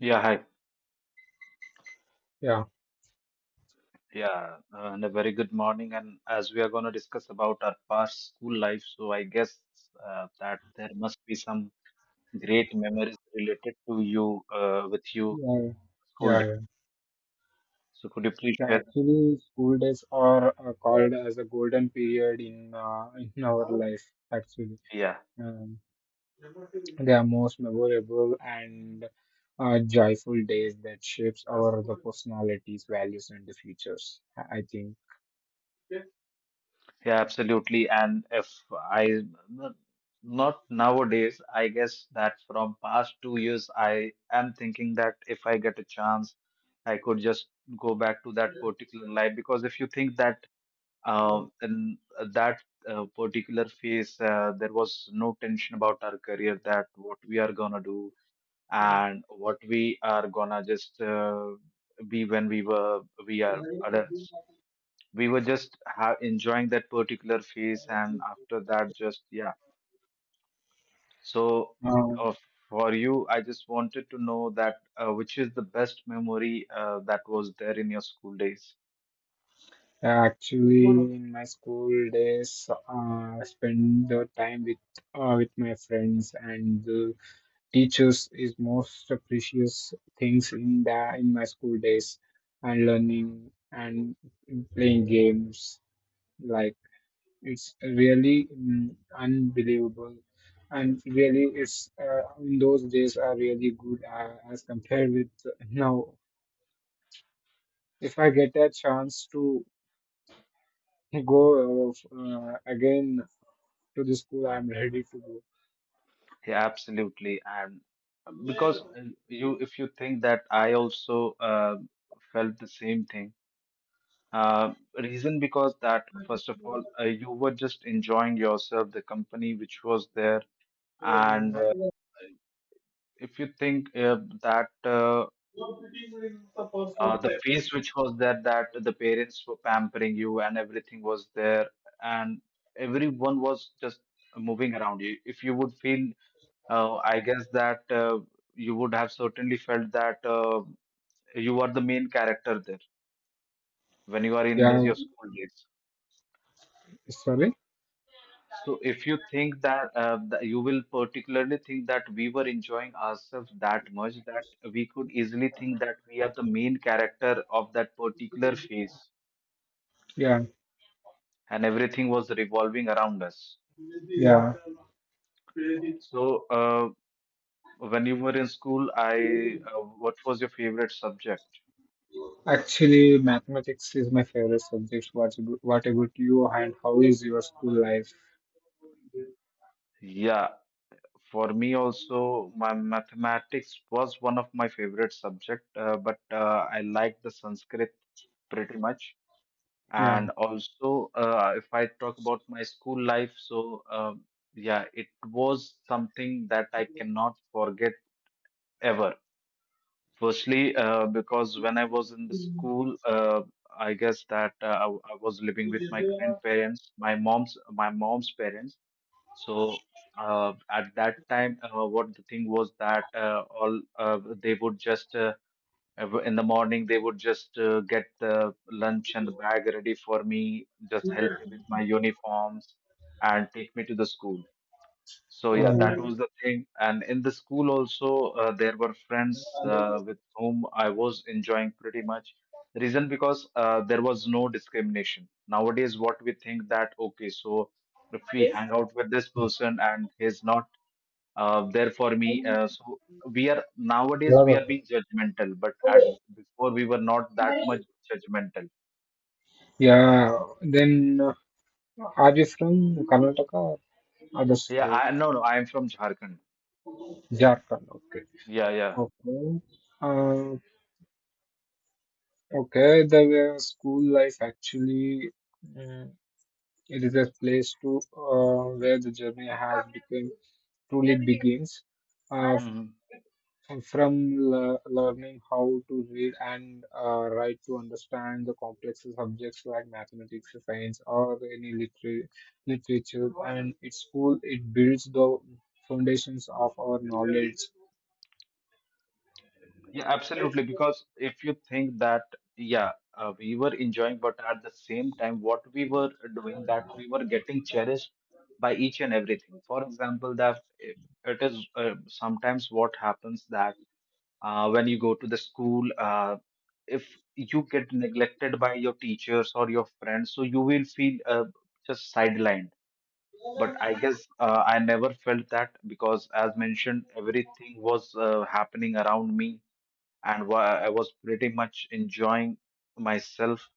Yeah, hi. Yeah, Yeah, and a very good morning. And as we are going to discuss about our past school life, so I guess that there must be some great memories related to you with you yeah, school yeah, day. yeah. So could you please Yeah, share? actually, school days are called as a golden period in our life. Actually, Yeah, um, they are most memorable and joyful days that shapes our the personalities, values, and the futures. I think. yeah, absolutely. And if I not not nowadays, I guess that from past 2 years, I am thinking that if I get a chance, I could just go back to that particular life because if you think that and that particular phase, there was no tension about our career that what we are gonna do and what we are gonna just be when we are adults, we were just enjoying that particular phase, and after that just yeah so Um, uh, for you, I just wanted to know that which is the best memory that was there in your school days. Actually, in my school days, I spend the time with my friends and. Teachers is most precious things in the in my school days and learning and playing games like it's really unbelievable and really it's in those days are really good as compared with now if I get a chance to go again to the school I'm ready to go. Yeah, absolutely. And because You, if you think that I also felt the same thing, reason because that, first of all, you were just enjoying yourself, the company which was there. And if you think that The face which was there, that the parents were pampering you and everything was there, and everyone was just moving around you. If you would feel, I guess that you would have certainly felt that you are the main character there when you are in Yeah, your school days. sorry. So if you think that, that you will particularly think that we were enjoying ourselves that much that we could easily think that we are the main character of that particular phase Yeah, and everything was revolving around us. yeah, So when you were in school, I what was your favorite subject? actually, mathematics is my favorite subject. What about you? And how is your school life? Yeah, for me also, my mathematics was one of my favorite subject, but I liked the Sanskrit pretty much. Yeah. And also, if I talk about my school life, so yeah, it was something that I cannot forget ever. Firstly, because when I was in the school, I guess that I was living with my grandparents, my mom's parents, so at that time, what the thing was that all they would just in the morning they would just get the lunch and the bag ready for me, just help me with my uniforms and take me to the school. So yeah, that Mm. was the thing. And in the school also, there were friends with whom I was enjoying pretty much. The reason because there was no discrimination. Nowadays, what we think that okay, so if we hang out with this person and he's not there for me, so we are nowadays we are being judgmental. But at before we were not that much judgmental. Yeah. Then, are you from Karnataka or other Yeah, state? I, no, I am from Jharkhand. Jharkhand. Okay. Yeah, Okay. Uh, okay. The school life actually, mm, it is a place to where the journey has become truly begins. Uh, yeah. from learning how to read and write to understand the complex subjects like mathematics, science, or any literature. And at school, it builds the foundations of our knowledge. Yeah, absolutely. Because if you think that, yeah, we were enjoying, but at the same time, what we were doing that we were getting cherished by each and everything. For example, that it is sometimes what happens that when you go to the school, if you get neglected by your teachers or your friends, so you will feel just sidelined. But I guess I never felt that because, as mentioned, everything was happening around me and I was pretty much enjoying myself.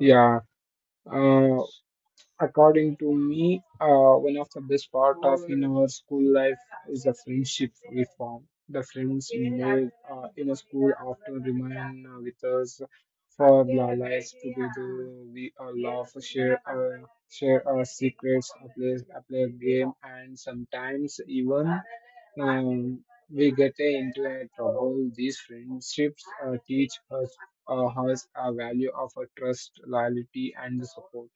Yeah. Uh, according to me, one of the best part of in our school life is the friendship we form. The friends we made in a school often remain with us for our lives together. We laugh, share our secrets, play a game, and sometimes even we get into a trouble. These friendships teach us us a value of a trust, loyalty, and support.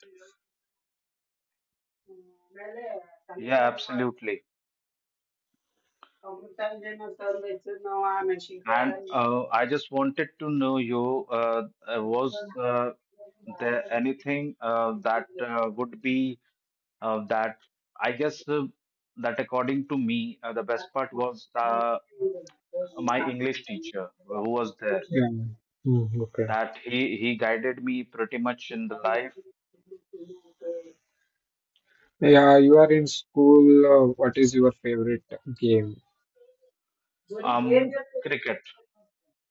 Yeah, absolutely. And I just wanted to know you was there anything that would be that I guess that according to me the best part was my English teacher who was there, Yeah. Mm, okay. that he guided me pretty much in the life. Yeah, you are in school. What is your favorite game? Um, cricket.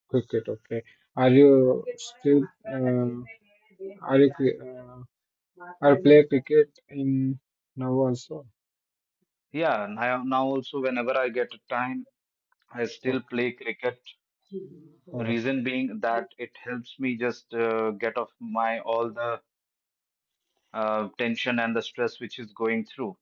Cricket. Okay. Are you still? Are you? Are you play cricket in now also? Yeah, now, now also whenever I get a time, I still Okay. play cricket. Oh. Reason being that it helps me just get off my all the tension and the stress which is going through.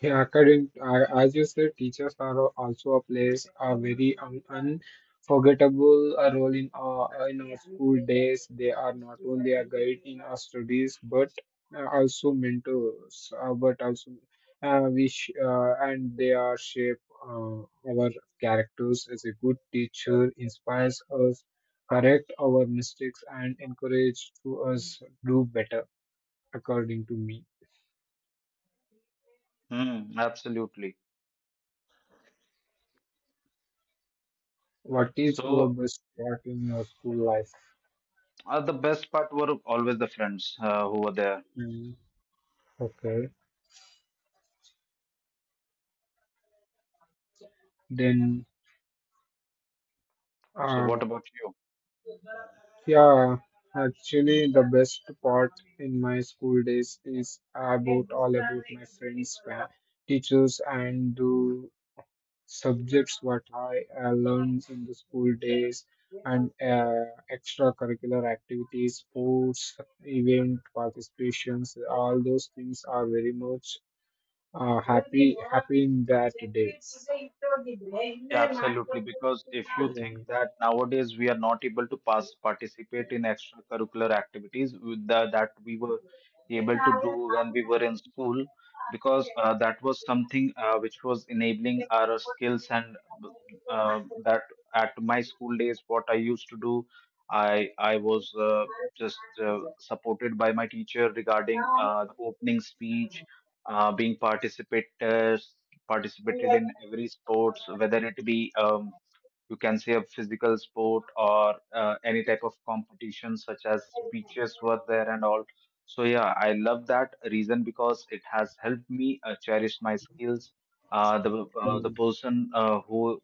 Yeah, academic, as you said, teachers are also a place a very un unforgettable role in our school days. They are not only a guide in our studies, but also mentors. But also, we sh and they are shape uh, our characters. As a good teacher, inspires us, correct our mistakes, and encourage to us do better, according to me. Hmm, absolutely. What is your So best part in your school life? The best part were always the friends who were there. Mm, okay. Then, So uh, what about you? yeah, actually, the best part in my school days is about all about my friends, teachers, and the subjects what I learned in the school days and extracurricular activities, sports, event participations. All those things are very much happy in that day. Yeah, absolutely. Because if you Yeah. think that nowadays we are not able to pass participate in extracurricular activities with the, that we were able to do when we were in school, because that was something which was enabling our skills and that at my school days, what I used to do, I was just supported by my teacher regarding the opening speech, being participators participated in every sports, whether it be you can say a physical sport or any type of competition such as speeches were there and all. So yeah, I love that reason because it has helped me cherish my skills. The Mm. person who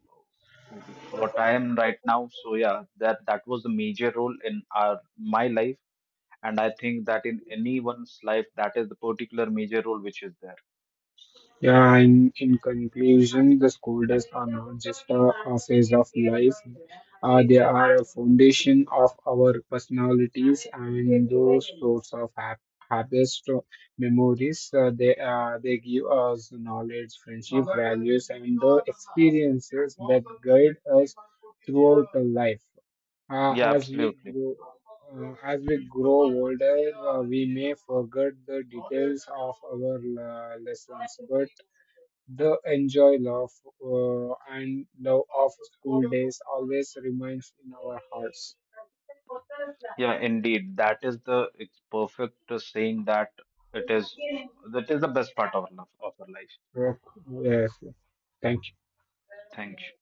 what I am right now. So yeah, that was the major role in our my life, and I think that in anyone's life, that is the particular major role which is there. Yeah, in conclusion, the school days are not just a phase of life. They are a foundation of our personalities and those sorts of happiest memories. They give us knowledge, friendship, values, and the experiences that guide us throughout the life. Uh, Yeah, as we absolutely. grow, as we grow older, we may forget the details of our lessons, but the enjoy love and love of school days always remains in our hearts. Yeah, indeed. That is the it's perfect saying that it is that is the best part of our love of our life. Yes, yes, thank you. Thank you.